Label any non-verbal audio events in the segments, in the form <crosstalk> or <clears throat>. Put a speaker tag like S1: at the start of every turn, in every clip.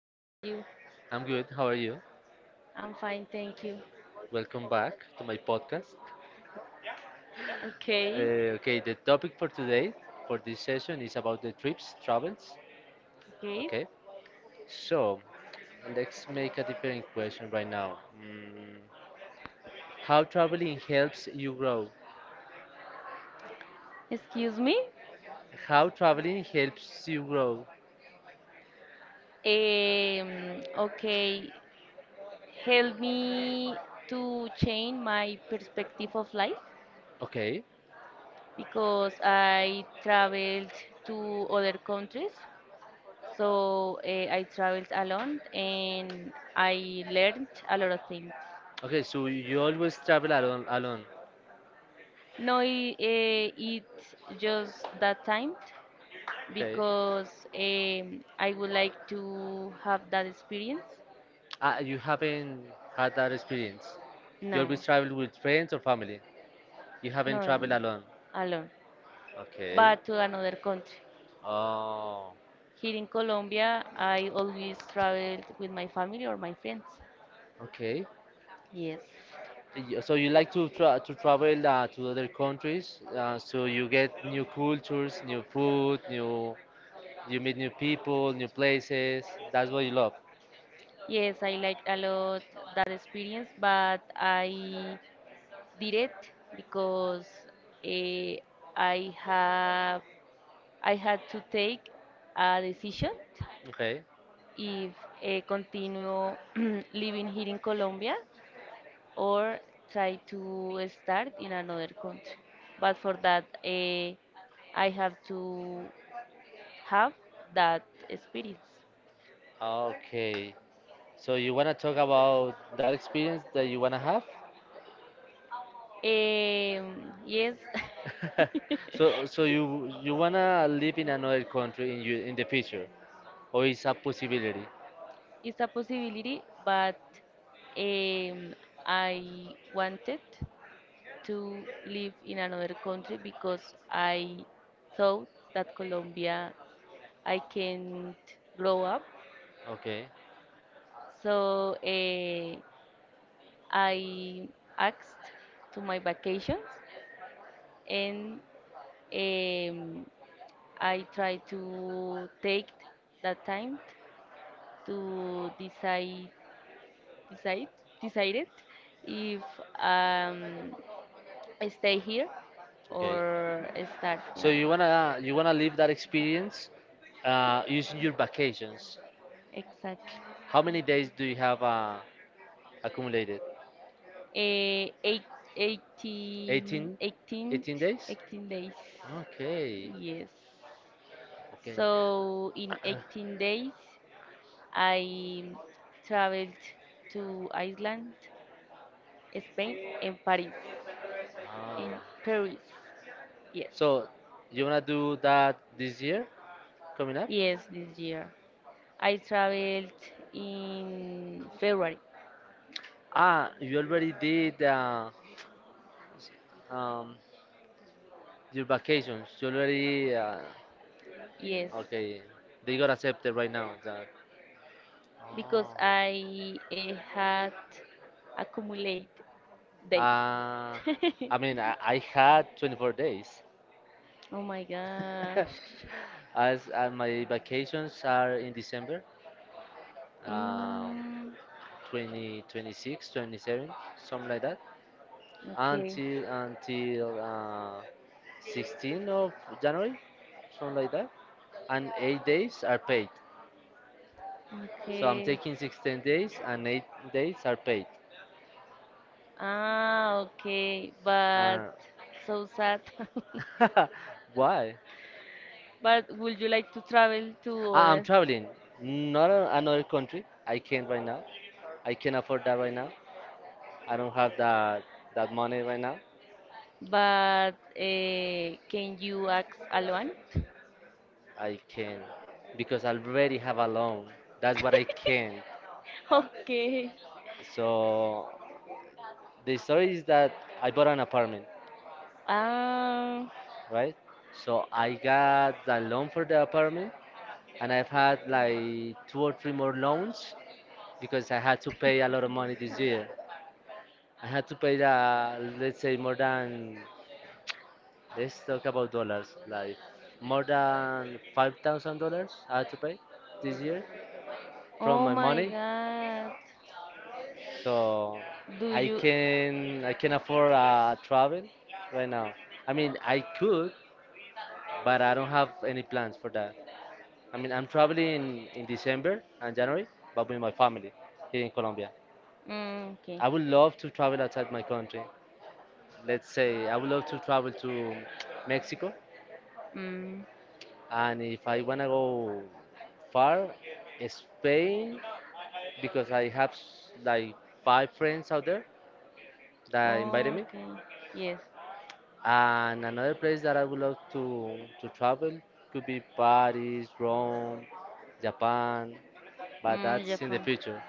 S1: How are you?
S2: I'm good. How are you?
S1: I'm fine, thank you.
S2: Welcome back to my podcast.
S1: Okay,
S2: Okay, the topic for today, for this session, is about the trips, travels.
S1: okay.
S2: Okay, so let's make a different question right now. How traveling helps you grow?
S1: Excuse me.
S2: How traveling helps you grow?
S1: Okay, help me to change my perspective of life
S2: Okay,
S1: because I traveled to other countries. So I traveled alone and I learned a lot of things.
S2: okay, so you always travel alone, alone.
S1: No, it just that time.
S2: Okay,
S1: Because I would like to have that experience.
S2: you haven't had that experience. You
S1: No,
S2: always travel with friends or family. You haven't
S1: no,
S2: traveled alone.
S1: alone,
S2: Okay.
S1: but to another country.
S2: Oh,
S1: Here in Colombia, I always traveled with my family or my friends.
S2: okay.
S1: Yes.
S2: So you like to travel to other countries, so you get new cultures, new food, new you meet new people, new places. That's what you love.
S1: Yes, I like a lot that experience, but I did it because eh, I have I had to take a decision
S2: Okay.
S1: if continue <clears throat> living here in Colombia or try to start in another country. But for that, I have to have that experience.
S2: Okay. So you wanna talk about that experience that you wanna have?
S1: Yes, <laughs>
S2: <laughs> So you wanna live in another country in the future, or is a possibility?
S1: it's a possibility, but um, I wanted to live in another country because I thought that Colombia I can't grow up.
S2: Okay.
S1: So I asked to my vacations and um, I try to take that time to decide decided if um, I stay here
S2: Okay.
S1: or start in
S2: So
S1: another.
S2: you wanna live that experience using your vacations.
S1: Exactly.
S2: How many days do you have accumulated?
S1: Eh, eight, eighteen,
S2: 18,
S1: eighteen,
S2: 18 days.
S1: eighteen days.
S2: Okay,
S1: Yes.
S2: okay.
S1: So in
S2: <clears throat>
S1: 18 days, I traveled to Iceland, Spain, and Paris.
S2: ah.
S1: In Paris, yes,
S2: So you wanna do that this year coming up?
S1: yes, this year. I traveled in February,
S2: Ah, you already did um, your vacations. You already
S1: yes,
S2: okay. They got accepted right now. That.
S1: because
S2: Oh.
S1: I had accumulate days.
S2: Uh, I
S1: <laughs>
S2: mean, I had 24 days.
S1: Oh my
S2: <laughs>
S1: gosh.
S2: As my vacations are in December, um,
S1: Mm,
S2: 20, 26, 27, something like that,
S1: okay,
S2: until 16 of January, something like that. And 8 days are paid. So I'm
S1: okay.
S2: taking 16 days and 8 days are paid.
S1: Ah, okay, but
S2: Uh,
S1: so sad. <laughs>
S2: <laughs> why?
S1: But would you like to travel to
S2: I'm
S1: other?
S2: traveling, not another country. I can't right now. I can't afford that right now. I don't have that money right now.
S1: But can you act alone? <laughs>
S2: I can because I already have a loan. That's what I can.
S1: Okay.
S2: So the story is that I bought an apartment,
S1: Ah.
S2: right? So I got the loan for the apartment, and I've had like two or three more loans because I had to pay a lot of money this year. I had to pay the, let's say, more than— let's talk about dollars. Like more than $5,000 I had to pay this year from
S1: Oh
S2: my
S1: my
S2: money.
S1: God.
S2: So
S1: Do you?
S2: I can afford a travel right now. I mean, I could, but I don't have any plans for that. I mean, I'm traveling in December and January, but with my family here in Colombia.
S1: Mm, okay.
S2: I would love to travel outside my country. Let's say I would love to travel to Mexico.
S1: Mm,
S2: And if I wanna go far, Spain, because I have like five friends out there that invited me.
S1: okay. Yes.
S2: And another place that I would love to travel could be Paris, Rome, Japan, but
S1: Mm,
S2: that's in the
S1: Japan.
S2: future.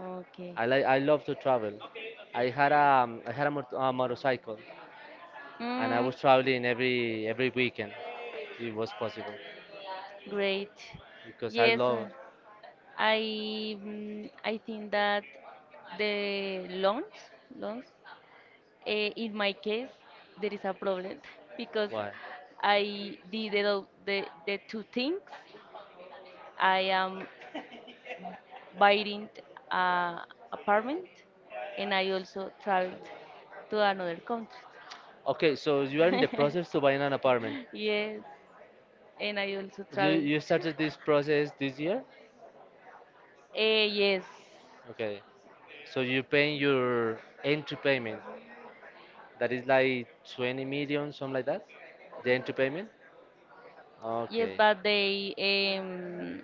S1: Okay.
S2: I love to travel. I had a, motorcycle, and I
S1: Mm,
S2: was traveling every weekend if it was possible,
S1: great.
S2: because I
S1: Yes,
S2: love.
S1: I I think that the loans in my case there is a problem <laughs> because
S2: Why?
S1: I did the two things. I am buying a apartment and I also traveled to another country.
S2: Okay, so you are in the process to buy an apartment.
S1: <laughs> Yes, and I also
S2: You
S1: traveled.
S2: you
S1: <laughs>
S2: started this process this year?
S1: Yes,
S2: Okay. So you're paying your entry payment. That is like 20 million, something like that? The entry payment?
S1: yes,
S2: Okay.
S1: but um,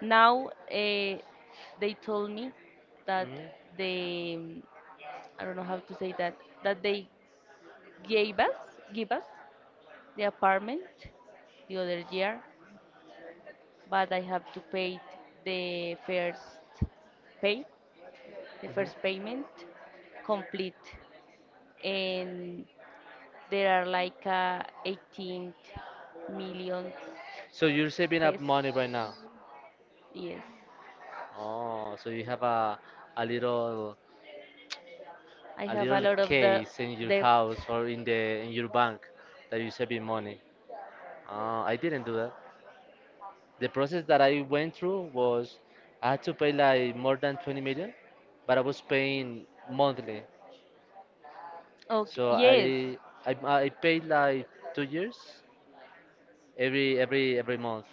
S1: now uh, they told me that
S2: Hmm.
S1: they I don't know how to say that that they gave us give us the apartment the other year, but I have to pay the first pay, the
S2: Hmm.
S1: first payment complete, and there are like 18 million
S2: So you're saving up money right now.
S1: pesos. Yes,
S2: Oh, so you have a little
S1: I
S2: a
S1: have a
S2: little
S1: lot of the
S2: case in your
S1: debt.
S2: house or in the in your bank that you're saving money. Oh, I didn't do that. The process that I went through was I had to pay like more than 20 million, but I was paying monthly.
S1: Okay,
S2: So
S1: yes,
S2: I paid like 2 years every month.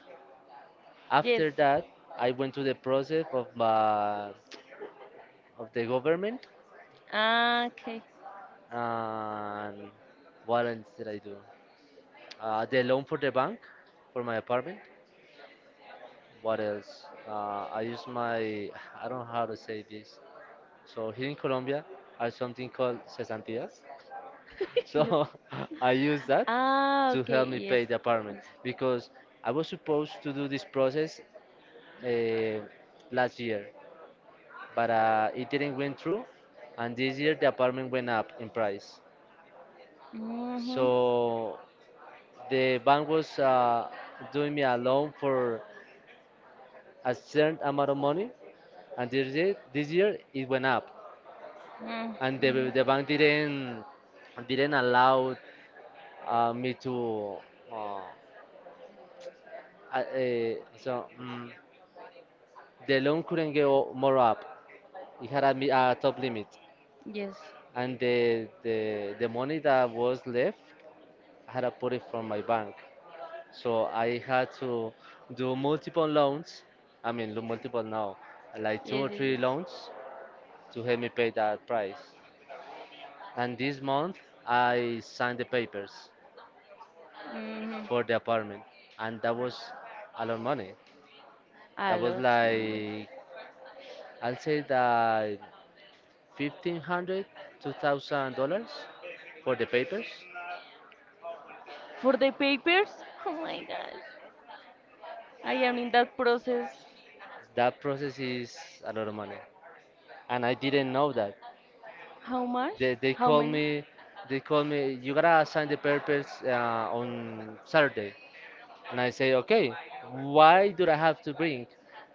S1: yes.
S2: After that, I went to the process of of the government,
S1: Ah, okay.
S2: and what else did I do? The loan for the bank for my apartment. What else? I used my— I don't know how to say this. So here in Colombia are something called cesantías.
S1: <laughs> Yes.
S2: So <laughs> I use that
S1: Ah,
S2: to help
S1: okay.
S2: me
S1: Yes.
S2: pay the apartment because I was supposed to do this process uh, last year, but it didn't went through, and this year the apartment went up in price.
S1: Mm-hmm.
S2: So the bank was doing me a loan for a certain amount of money, and this year it went up, and
S1: Mm-hmm.
S2: the bank didn't allow— me to— Uh, I, eh, so mm the loan couldn't go more up. It had a, top limit,
S1: Yes.
S2: and the money that was left, I had to put it from my bank. So I had to do multiple loans. I mean, multiple now, like two
S1: Yes,
S2: or
S1: yes,
S2: three
S1: yes.
S2: loans to help me pay that price. And this month, I signed the papers
S1: Hmm.
S2: for the apartment, and that was a lot of money.
S1: A
S2: That was
S1: lot money.
S2: like, I'll say, that 1500, 2000 dollars for the papers.
S1: For the papers? <laughs> Oh my gosh. I am in that process.
S2: That process is a lot of money, and I didn't know that.
S1: How much?
S2: They
S1: How
S2: called
S1: many?
S2: me, they called me. You gotta sign the papers on Saturday, and I say okay. Why do I have to bring?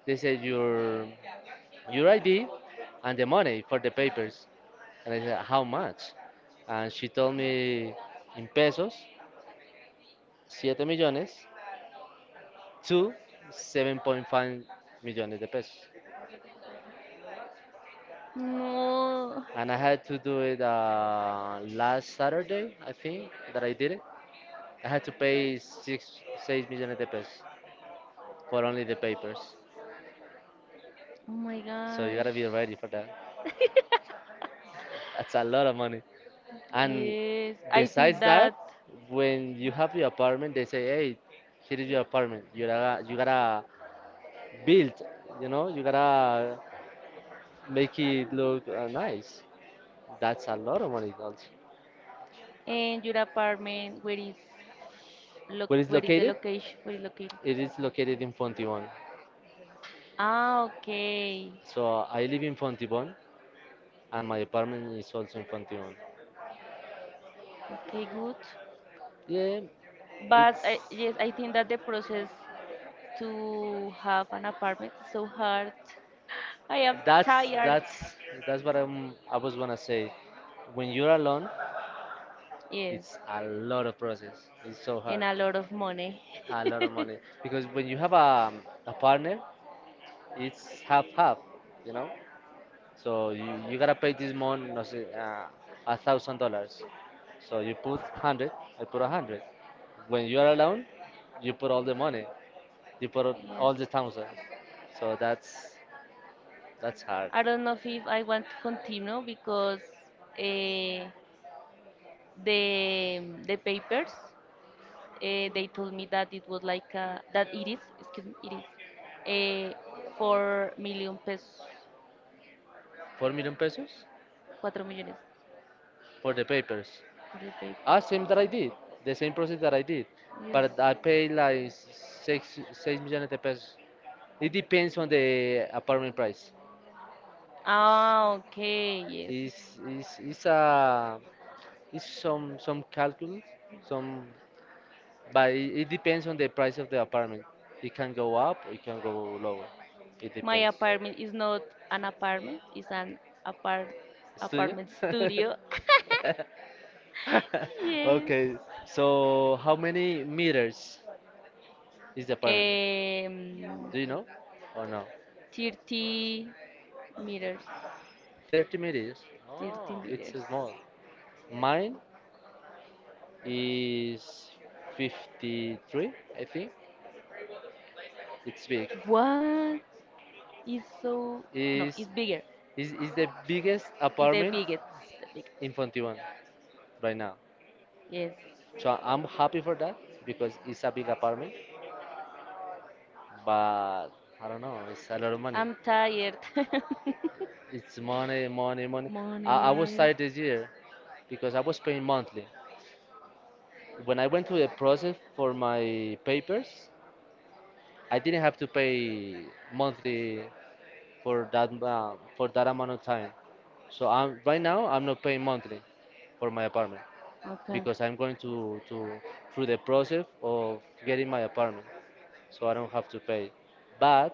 S2: They said your ID and the money for the papers, and I said how much? And she told me in pesos, siete millones, to 7.5 million de pesos.
S1: No.
S2: And I had to do it last Saturday, I think, that I did it. I had to pay 6 million de pesos for only the papers.
S1: Oh my
S2: So you
S1: gosh.
S2: gotta be ready for that.
S1: <laughs>
S2: That's a lot of money. And
S1: Yes, I see
S2: besides that,
S1: that
S2: when you have your apartment, they say, hey, here is your apartment. You gotta build, you know, you gotta make it look nice. That's a lot of money, also.
S1: in your apartment. Where is look?
S2: Where is
S1: Where is the
S2: located?
S1: location? Where is located?
S2: It is located in Fontibon.
S1: Ah, okay,
S2: So I live in Fontibon and my apartment is also in Fontibon.
S1: okay, good.
S2: Yeah,
S1: But
S2: it's
S1: I, yes, I think that the process to have an apartment is so hard. I am
S2: that's
S1: tired.
S2: that's that's what I was gonna say. When you're alone,
S1: Yes,
S2: it's a lot of process. It's so
S1: and
S2: hard.
S1: a lot of money.
S2: A lot of
S1: <laughs>
S2: money, because when you have a partner, it's half half, you know? So you gotta pay this month, no sé, $1,000. So you put hundred, I put a hundred. When you are alone, you put all the money, you put all the
S1: Yes.
S2: thousand. So that's hard.
S1: I don't know if I want to continue because uh, the papers uh, they told me that it was like that it is uh, 4 million pesos,
S2: 4 million pesos
S1: cuatro millones
S2: for the papers.
S1: for the
S2: Ah, same that
S1: papers.
S2: I did, the same process that I did,
S1: Yes.
S2: but I pay like six million de pesos. It depends on the apartment price.
S1: Ah, okay. Yes.
S2: Is a is some calcul, some— but it depends on the price of the apartment. It can go up or it can go lower. It
S1: My
S2: depends.
S1: apartment is not an apartment, it's an apart
S2: Studio?
S1: apartment studio. <laughs>
S2: <laughs>
S1: Yes.
S2: okay. So how many meters is the apartment?
S1: Um,
S2: Do you know or no?
S1: 30 meters.
S2: 30 meters.
S1: 30
S2: Oh, it's
S1: meters.
S2: small. Mine is 53, I think. It's big.
S1: What? It's so. No,
S2: Is
S1: it's bigger.
S2: is the biggest
S1: It's the
S2: apartment
S1: biggest. The biggest.
S2: in 21 right now.
S1: Yes.
S2: So I'm happy for that because it's a big apartment, but I don't know, it's a lot of money.
S1: I'm tired. <laughs>
S2: It's money, money, money. I was
S1: Money.
S2: tired this year because I was paying monthly. When I went through the process for my papers, I didn't have to pay monthly for that amount of time. So I'm right now I'm not paying monthly for my apartment
S1: Okay.
S2: because I'm going to through the process of getting my apartment, so I don't have to pay. But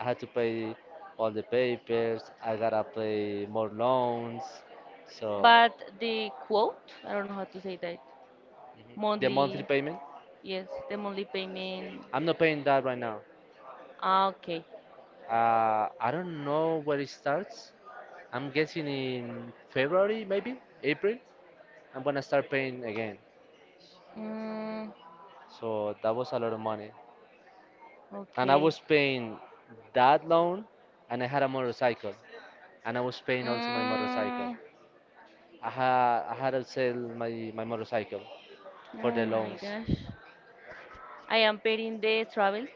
S2: I had to pay all the papers. I gotta pay more loans. So
S1: But the quote, I don't know how to say that.
S2: the monthly
S1: Monthly.
S2: payment,
S1: Yes, the monthly payment.
S2: I'm not paying that right now.
S1: Ah, okay.
S2: I don't know where it starts. I'm guessing in February, maybe April. I'm gonna start paying again.
S1: Mm,
S2: So that was a lot of money, and I
S1: okay.
S2: was paying that loan, and I had a motorcycle, and I was paying also my motorcycle.
S1: Mm,
S2: I had to sell my motorcycle for
S1: oh
S2: the
S1: my
S2: loans.
S1: gosh. I am paying the travel.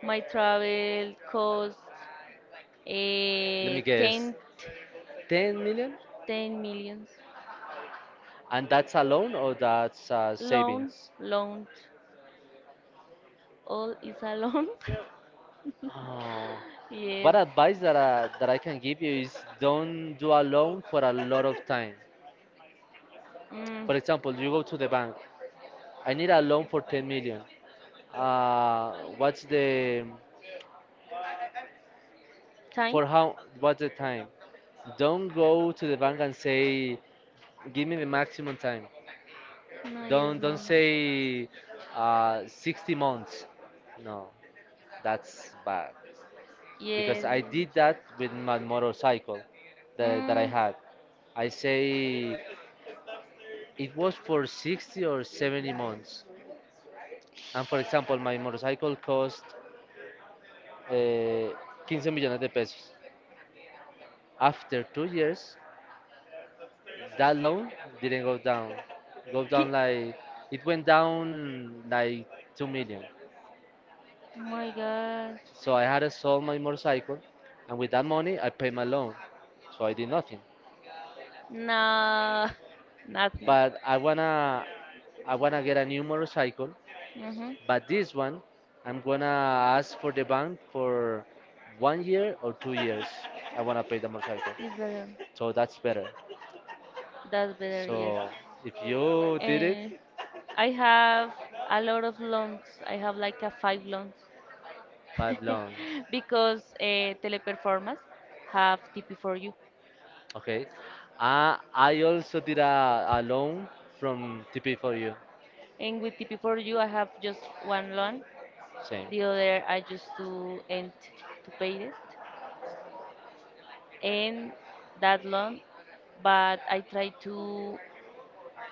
S1: My travel cost
S2: Let me
S1: eh,
S2: guess.
S1: ten
S2: 10 million?
S1: ten millions.
S2: And that's a loan, or that's
S1: Loan,
S2: savings?
S1: loan. All is a loan.
S2: Oh.
S1: <laughs> Yes.
S2: But advice that that I can give you is don't do a loan for a lot of time.
S1: Mm,
S2: For example, you go to the bank. I need a loan for 10 million. What's the—
S1: time?
S2: for how what's the time? Don't go to the bank and say, give me the maximum time.
S1: No, yes,
S2: Don't
S1: no.
S2: say 60 months. No, that's bad, because
S1: Yes,
S2: I
S1: yes.
S2: did that with my motorcycle that I
S1: Mm.
S2: had. I say it was for 60 or 70 months. And for example, my motorcycle cost uh, 15 millones de pesos. After 2 years, that loan didn't go down. Go down like— it went down like 2 million.
S1: Oh my gosh.
S2: So I had to sell my motorcycle, and with that money, I paid my loan. So I did nothing.
S1: Nah, <laughs> nothing.
S2: But I wanna— get a new motorcycle.
S1: Mm-hmm.
S2: But this one, I'm gonna ask for the bank for 1 year or 2 years. I wanna pay the motorcycle,
S1: It's better.
S2: so that's better.
S1: That's better, yes.
S2: So if you did it,
S1: And I have a lot of loans. I have like a five loans
S2: five loans.
S1: <laughs> because Teleperformance have TP4U,
S2: Okay. I also did a loan from TP for you.
S1: and with TP4U I have just one loan.
S2: Same.
S1: The other I just to end to pay it, and that long, but I try to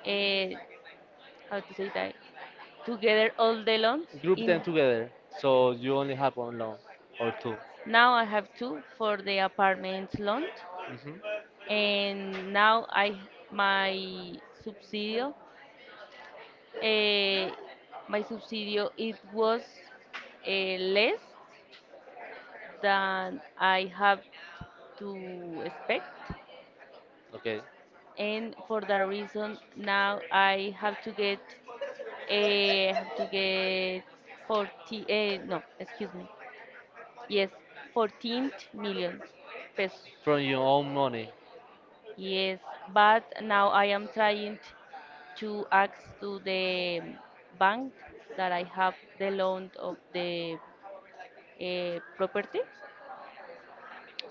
S1: uh, how to say that together all the loans
S2: Group them
S1: in
S2: together, so you only have one loan or two.
S1: now I have two for the apartment loan,
S2: Hmm.
S1: and now I my subsidio uh, my subsidio it was less than I have to expect,
S2: Okay.
S1: and for that reason now I have to get 40, no, excuse me. Yes, 14 million pesos.
S2: From your own money.
S1: Yes, but now I am trying to ask to the bank that I have the loan of the property,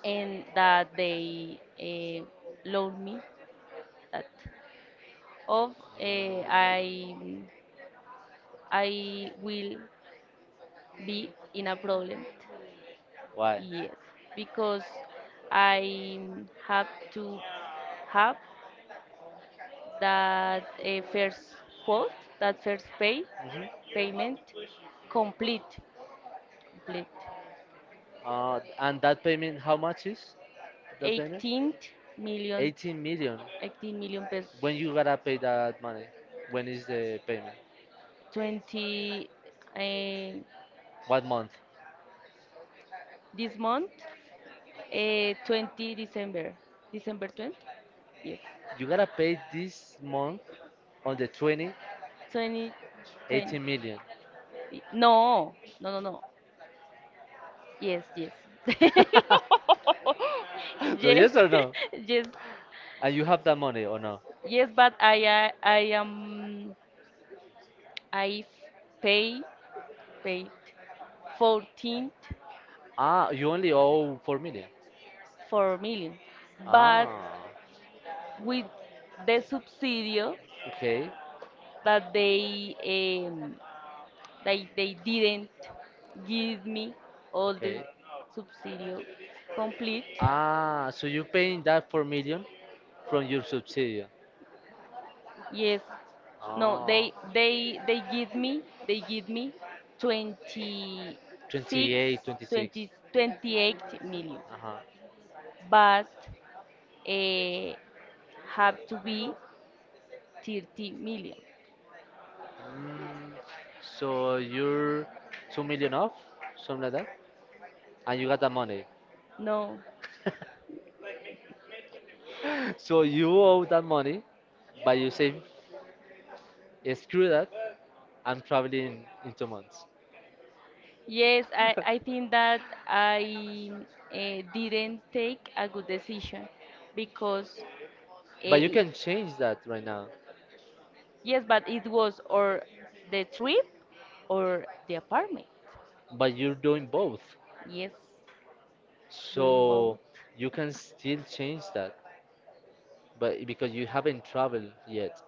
S1: and that they loan me that of uh,
S2: Mm.
S1: I I will be in a problem.
S2: Why?
S1: Yes, because I have to have that first quote, that first pay
S2: hmm
S1: payment complete, complete.
S2: And that payment, how much is that payment?
S1: 18 million,
S2: 18 million.
S1: 18 million pesos.
S2: When you gotta pay that money? When is the payment?
S1: 20 uh,
S2: What month?
S1: this month, December 20, December 20. Yes.
S2: You gotta pay this month on the 20,
S1: 20 20.
S2: 18 million.
S1: No, no, no, no. Yes, yes. <laughs> <laughs>
S2: <laughs> So
S1: Yes,
S2: yes or no?
S1: <laughs> yes,
S2: And you have that money or no?
S1: yes. But I am, I f- pay paid fourteen
S2: Ah, you only owe 4 million.
S1: four million, but
S2: Ah,
S1: with the subsidio
S2: okay,
S1: that they didn't give me all the
S2: okay.
S1: subsidio complete.
S2: Ah, so you're paying that 4 million from your subsidy.
S1: Yes. No,
S2: Ah.
S1: they give me 20 six
S2: 28, 26.
S1: 20 28 million,
S2: Uh-huh.
S1: but uh, have to be 30 million.
S2: Mm, so you're 2 million off, something like that, and you got that money.
S1: No.
S2: <laughs> So you owe that money, but you say, "Eh, screw that, I'm traveling in 2 months."
S1: Yes, I
S2: <laughs>
S1: think that I didn't take a good decision because
S2: But
S1: uh,
S2: you
S1: it,
S2: can change that right now,
S1: yes, but it was or the trip or the apartment.
S2: but you're doing both.
S1: Yes, doing both.
S2: So you can still change that, but because you haven't traveled yet.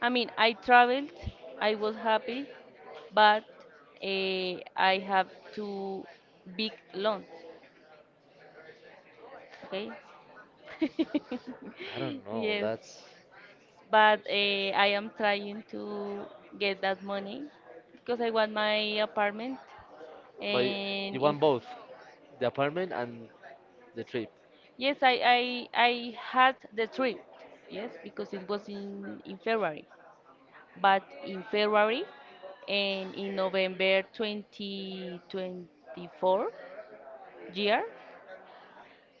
S1: I mean, I traveled, I was happy, but I have two big loans, okay? <laughs>
S2: I don't know,
S1: Yes,
S2: that's.
S1: but I am trying to get that money because I want my apartment.
S2: But you
S1: And if,
S2: want both, the apartment and the trip.
S1: yes, I had the trip, yes, because it was in February. But in February and in November 2024 year,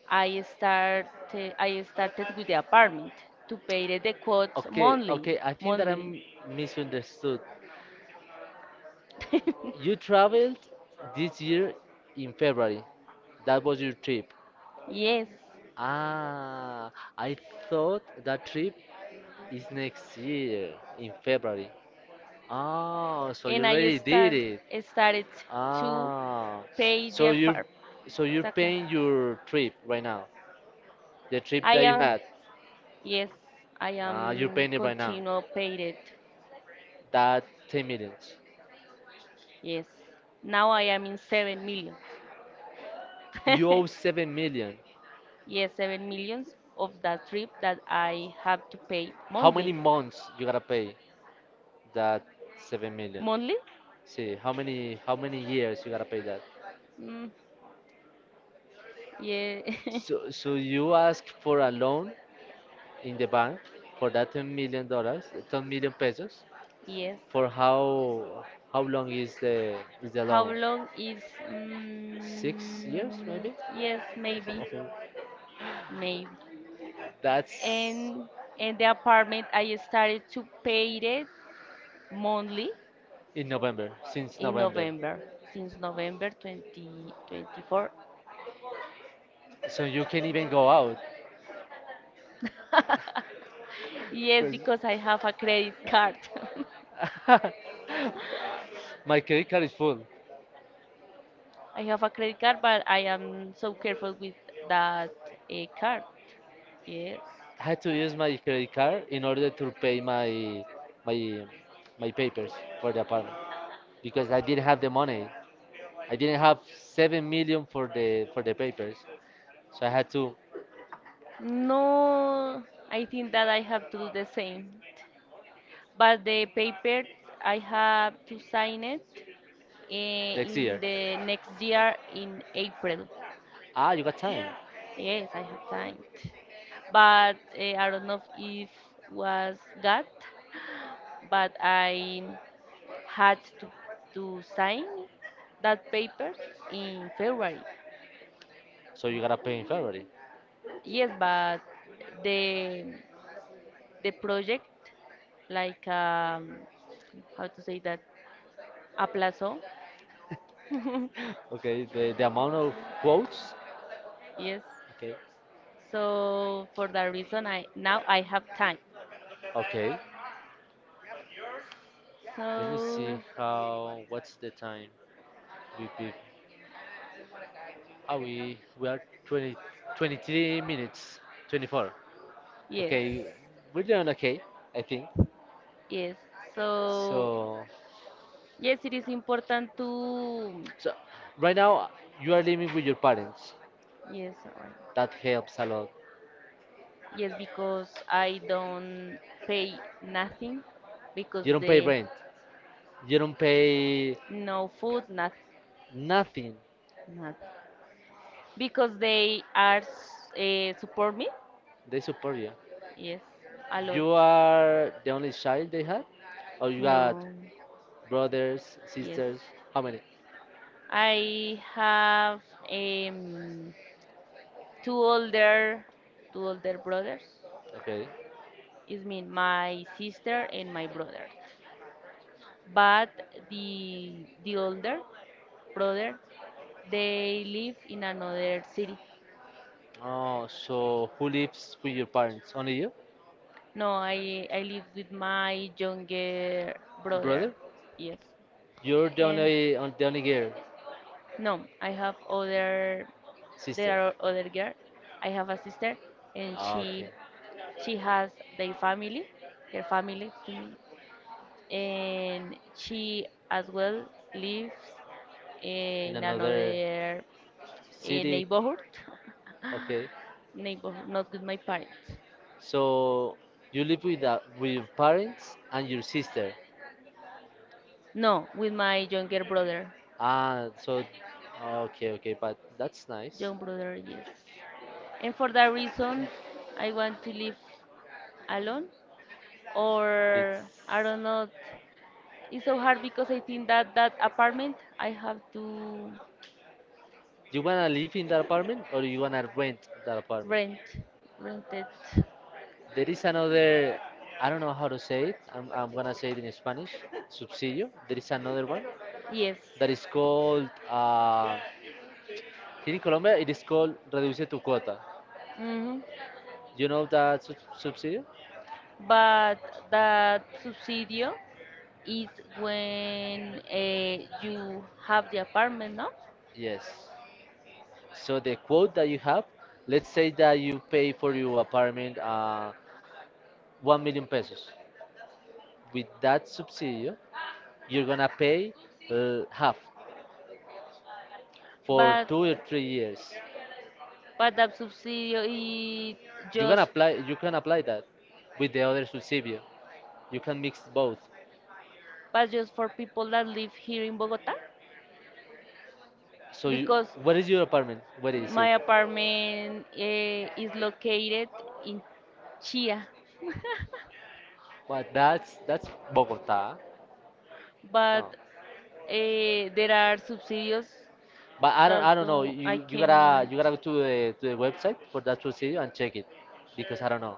S1: I started I started with the apartment to pay the quotes
S2: Okay, okay. I think that
S1: monthly.
S2: I'm misunderstood.
S1: <laughs>
S2: You traveled this year in February. That was your trip.
S1: Yes,
S2: Ah, I thought that trip is next year in February. Oh, so you
S1: and I
S2: already did it.
S1: started to
S2: Ah,
S1: pay the
S2: so you're
S1: apartment.
S2: so you're
S1: Exactly.
S2: paying your trip right now. The trip
S1: I
S2: that you
S1: am,
S2: had,
S1: yes, I
S2: you're
S1: am
S2: paying it right now.
S1: continue paid it.
S2: That 10 million.
S1: Yes. Now I am in 7 million.
S2: You owe
S1: <laughs>
S2: 7 million.
S1: Yes, 7 million of that trip that I have to pay
S2: How many
S1: monthly.
S2: months you gotta pay that 7 million?
S1: Monthly?
S2: See, how many years you gotta pay that?
S1: Mm, yeah. <laughs>
S2: So you ask for a loan in the bank for that $10 million, 10 million pesos.
S1: Yes.
S2: For how long is the
S1: How
S2: loan?
S1: long is?
S2: 6 years
S1: Mm,
S2: maybe?
S1: yes, maybe,
S2: Okay.
S1: maybe.
S2: That's
S1: And and the apartment I started to pay it monthly
S2: in November, since
S1: in
S2: November.
S1: November, since November 2024.
S2: So you can even go out.
S1: Yes, because I have a credit card. <laughs>
S2: <laughs> My credit card is full.
S1: I have a credit card, but I am so careful with that card. Yes.
S2: I had to use my credit card in order to pay my my papers for the apartment because I didn't have the money. I didn't have 7 million for the papers, so I had to
S1: No, I think that I have to do the same. But the paper, I have to sign it
S2: next
S1: in
S2: year.
S1: the next year in April.
S2: Ah, you got time,
S1: Yes, I have signed. But I don't know if was got, but I had to sign that paper in February.
S2: so you gotta pay in February.
S1: Yes, but the the project like how to say that aplazó. <laughs>
S2: <laughs> Okay, the amount of quotes.
S1: Yes.
S2: Okay,
S1: So for that reason, I now I have time.
S2: okay. Let me see
S1: So
S2: how. What's the time? Beep, beep. Ah, we are 20, 23 minutes, 24.
S1: yes,
S2: Okay, we're doing okay, I think.
S1: yes. So
S2: So,
S1: yes, it is important to
S2: So right now you are living with your parents.
S1: yes, alright.
S2: That helps a lot.
S1: Yes, because I don't pay nothing because
S2: You don't pay
S1: the
S2: rent. You don't pay
S1: no food, nothing,
S2: nothing.
S1: nothing. Because they are support me.
S2: They support you.
S1: Yes, a lot.
S2: You are the only child they had, or you got
S1: No,
S2: brothers,
S1: yes.
S2: sisters? How many?
S1: I have um, two older two older brothers.
S2: Okay.
S1: It's mean my sister and my brother. But the older brother, they live in another city.
S2: Oh, so who lives with your parents? Only you,
S1: No, I live with my younger brother.
S2: brother?
S1: Yes.
S2: You're, yeah,
S1: And
S2: the only girl.
S1: no, I have other. There
S2: Sister.
S1: are other girl. I have a sister, and
S2: Ah, okay.
S1: she has their family, her family to me, and she as well lives
S2: In
S1: in
S2: another
S1: another
S2: city.
S1: neighborhood.
S2: Okay.
S1: <laughs> Neighborhood, not with my parents.
S2: So you live with your parents and your sister.
S1: No, with my younger brother.
S2: Ah, so okay, okay, but that's nice.
S1: Young brother, yes. And for that reason, I want to live alone
S2: It's
S1: or I don't know. It's so hard because I think that that apartment I have to
S2: you wanna live in that apartment or you wanna rent that apartment?
S1: rent, rent it.
S2: There is another. I don't know how to say it. I'm gonna say it in Spanish. Subsidio. There is another one
S1: Yes.
S2: that is called. Here in Colombia, it is called reduce tu cuota.
S1: Hmm.
S2: You know that subsidy?
S1: But that subsidio is when you have the apartment, no?
S2: Yes. So the quote that you have, let's say that you pay for your apartment 1 million pesos. With that subsidy, you're gonna pay half for
S1: But
S2: 2 or 3 years.
S1: that subsidio is
S2: You can
S1: just,
S2: apply. You can apply that with the other subsidy. You can mix both.
S1: but just for people that live here in Bogota,
S2: So you,
S1: because
S2: what is your apartment? Where is
S1: my
S2: it?
S1: apartment is located in Chia, <laughs>
S2: Well, that's Bogota.
S1: but
S2: Oh.
S1: there are subsidies
S2: But I don't
S1: that
S2: I don't know.
S1: do, I
S2: You you gotta
S1: can.
S2: you gotta go to the website for that procedure and check it because I don't know.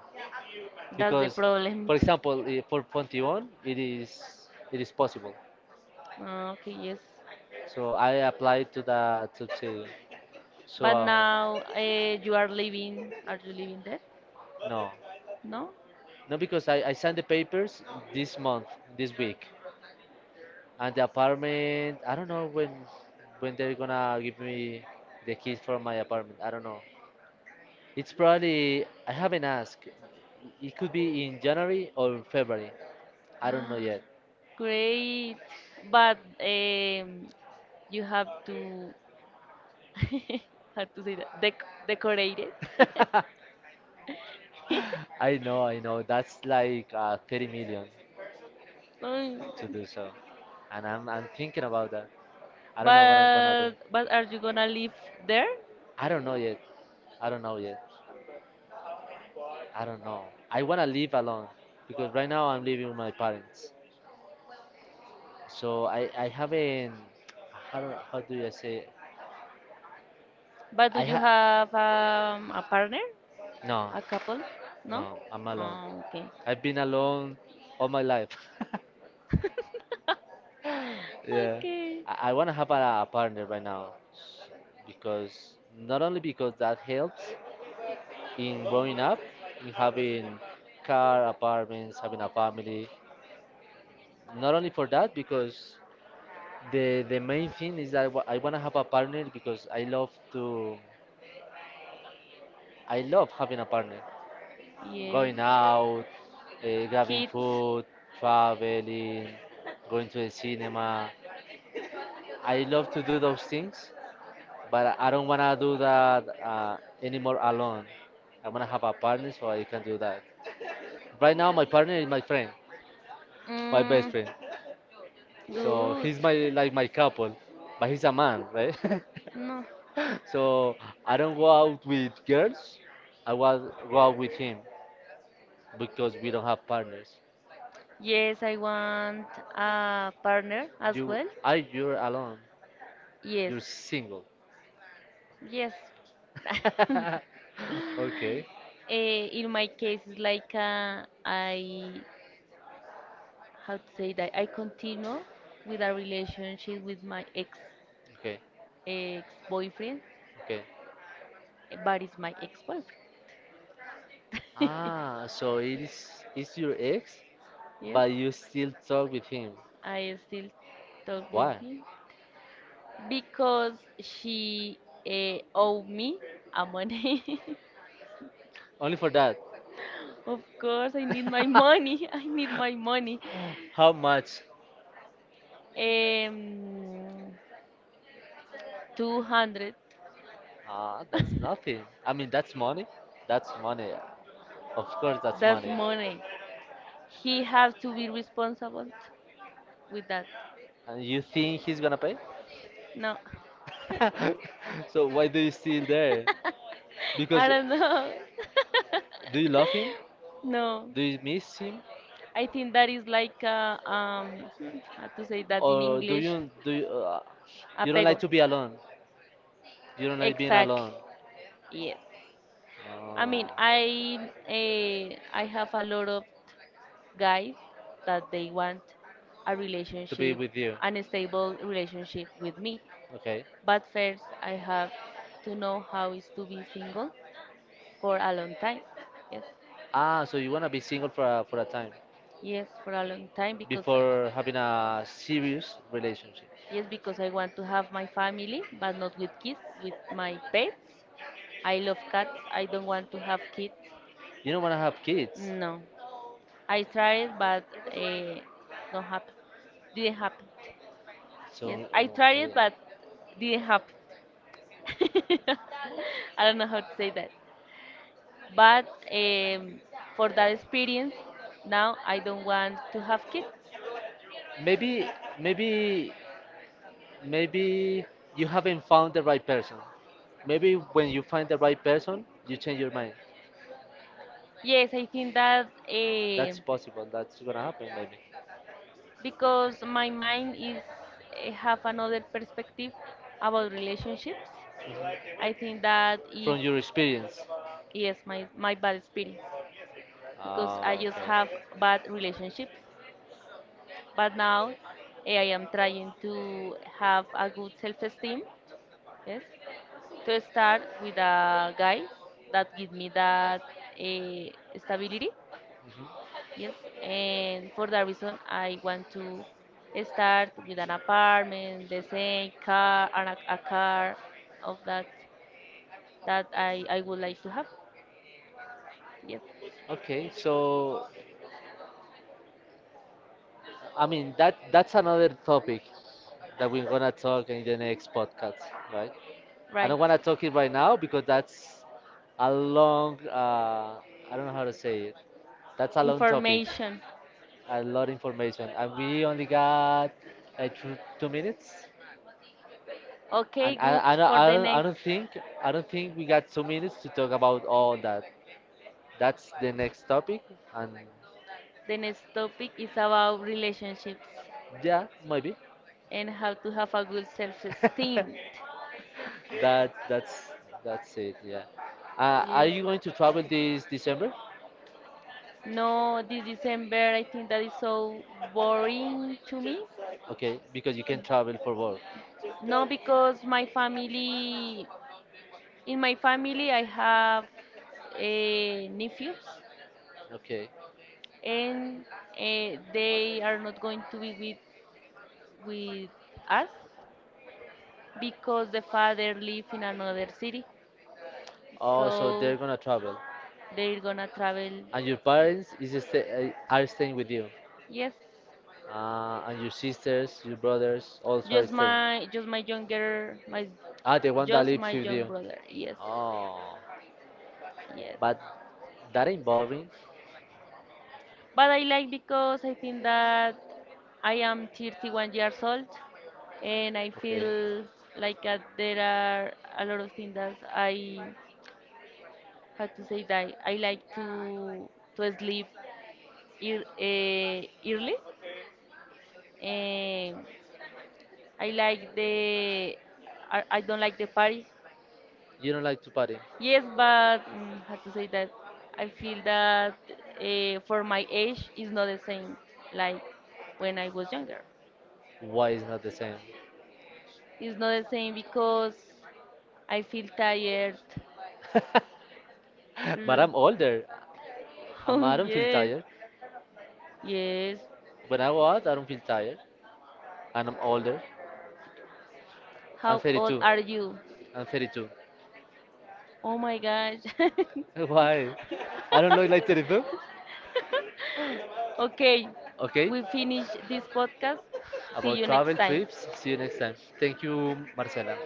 S1: That's the
S2: Because
S1: problem.
S2: for
S1: <laughs>
S2: example for Fontibon it is possible.
S1: Ah, okay, yes.
S2: So I applied to that subsidio. So
S1: But now you are living. Are you living there?
S2: no.
S1: No.
S2: No because I signed the papers this month, this week. And the apartment I don't know when they're gonna give me the keys for my apartment. I don't know. It's probably I haven't asked. It could be in January or in February.
S1: <gasps>
S2: I don't know
S1: Ah,
S2: yet.
S1: great. But you have to <laughs> how to say that decorate it. <laughs>
S2: <laughs> I know, I know. That's like 30 million
S1: Mm,
S2: to do so, and I'm thinking about that. I don't know what I'm gonna do.
S1: but are you gonna live there?
S2: I don't know yet. I don't know yet. I don't know. I wanna live alone because right now I'm living with my parents. So I haven't. How do you say?
S1: But do
S2: I
S1: you
S2: ha.
S1: have a partner,
S2: No,
S1: a couple? No.
S2: no. I'm alone.
S1: Oh, okay.
S2: I've been alone all my life. <laughs> Yeah,
S1: Okay.
S2: I want to have a partner right now because not only because that helps in growing up, in having car, apartments, having a family. Not only for that, because the main thing is that I want to have a partner because I love having a partner,
S1: Yes.
S2: going out, grabbing
S1: Kids.
S2: food, traveling, going to the cinema. I love to do those things but I don't wanna do that anymore alone. I wanna have a partner so I can do that. Right now, my partner is my friend, my best
S1: Mm,
S2: friend. So
S1: good.
S2: he's my, like, my couple, but he's a man, right?
S1: No.
S2: <laughs> So I don't go out with girls. I was go out with him because we don't have partners.
S1: Yes, I want a partner as
S2: You,
S1: well.
S2: you're alone.
S1: Yes.
S2: You're single.
S1: Yes. <laughs>
S2: <laughs> Okay,
S1: In my case, it's like I, how to say that, I continue with a relationship with my ex.
S2: okay,
S1: Ex-boyfriend,
S2: okay.
S1: but it's my ex-boyfriend.
S2: Ah, so it's your ex,
S1: <laughs> Yes,
S2: but you still talk with him.
S1: I still talk with
S2: Why?
S1: him because she owe me a money.
S2: Only for that.
S1: <laughs> Of course, I need my money. <laughs> I need my money.
S2: <laughs> How much?
S1: Um, 200.
S2: Ah, that's nothing. I mean, that's money. That's money. Of course, that's
S1: That's
S2: money.
S1: money. He has to be responsible with that.
S2: And you think he's gonna pay?
S1: No,
S2: <laughs> So why do you still there?
S1: <laughs> I
S2: Because
S1: don't know. <laughs>
S2: do you love him?
S1: No,
S2: Do you miss him?
S1: I think that is like how to say that in
S2: Or
S1: English?
S2: you don't
S1: Apego.
S2: like to be alone? You don't like being
S1: Exactly.
S2: alone.
S1: Yes. I mean,
S2: Oh,
S1: I have a lot of guys that they want a
S2: to be
S1: relationship,
S2: with you.
S1: an stable relationship with me.
S2: Okay.
S1: But first, I have to know how is to be single for a long time. Yes.
S2: Ah, so you wanna be single for a time
S1: Yes, for a long time because
S2: before having a serious relationship.
S1: yes, because I want to have my family, but not with kids, with my pets. I love cats. I don't want to have kids.
S2: You don't wanna have kids.
S1: No. I tried, but uh, don't happen. Didn't happen.
S2: So
S1: Yes, I tried, it,
S2: okay.
S1: but didn't happen. <laughs> I don't know how to say that. But um, for that experience, now I don't want to have kids.
S2: Maybe maybe maybe you haven't found the right person. Maybe when you find the right person, you change your mind.
S1: Yes, I think that
S2: That's possible. That's gonna happen maybe.
S1: because my mind is have another perspective about relationships.
S2: Mhm.
S1: I think that
S2: From
S1: if
S2: your experience.
S1: yes, my bad experience because I
S2: Ah,
S1: just have
S2: okay.
S1: bad relationships. But now I am trying to have a good self-esteem, yes, to start with a guy that give me that eh, stability,
S2: Mhm.
S1: yes. And for that reason, I want to start with an apartment, the same car, and a car of that that I would like to have. Yes,
S2: Okay, so I mean that that's another topic that we're gonna talk in the next podcast, right? I
S1: right.
S2: don't wanna talk it right now because that's a long I don't know how to say it. That's a long topic,
S1: Information.
S2: a lot of information, and we only got like two minutes.
S1: Okay,
S2: And
S1: good
S2: I, I, don't,
S1: for
S2: I
S1: the
S2: don't I
S1: next.
S2: don't think we got 2 minutes to talk about all that. That's the next topic, and
S1: The next topic is about relationships
S2: yeah, maybe.
S1: and how to have a good self-esteem.
S2: <laughs> That that's that's it. Yeah. Are
S1: Yes.
S2: you going to travel this December?
S1: No, this December I think that is so boring to me.
S2: Okay, because you can travel for work.
S1: No, because my family, in my family I have nephews,
S2: Okay.
S1: and they are not going to be with us because the father live in another city.
S2: Oh, so
S1: So
S2: they're gonna travel,
S1: they're gonna travel.
S2: and your parents is sta are staying with you,
S1: Yes.
S2: and your sisters, your brothers also are
S1: Just
S2: staying.
S1: my just my younger my
S2: Ah, the one that
S1: just my
S2: lives with
S1: young
S2: you.
S1: brother. Yes.
S2: Oh,
S1: Yes.
S2: but that ain't boring.
S1: But I like because I think that I am 31 years old, and I
S2: Okay,
S1: feel like there are a lot of things that I how to say that I like to sleep ear, uh, early. Um, I like the I don't like the parties.
S2: you don't like to party.
S1: Yes, but how to say that? I feel that for my age is not the same like when I was younger.
S2: Why is not the same?
S1: It's not the same because I feel tired.
S2: <laughs> But
S1: L-
S2: I'm
S1: <laughs>
S2: older.
S1: Oh
S2: I don't feel
S1: yes,
S2: tired.
S1: yes.
S2: I don't feel tired, and I'm older. I'm
S1: How old
S2: 32.
S1: are you?
S2: I'm 32.
S1: Oh my gosh.
S2: <laughs> Why? I don't look like 32.
S1: <laughs> Okay,
S2: Okay.
S1: we finish this podcast. See
S2: About
S1: you next
S2: travel
S1: time.
S2: trips. See you next time. Thank you, Marcela.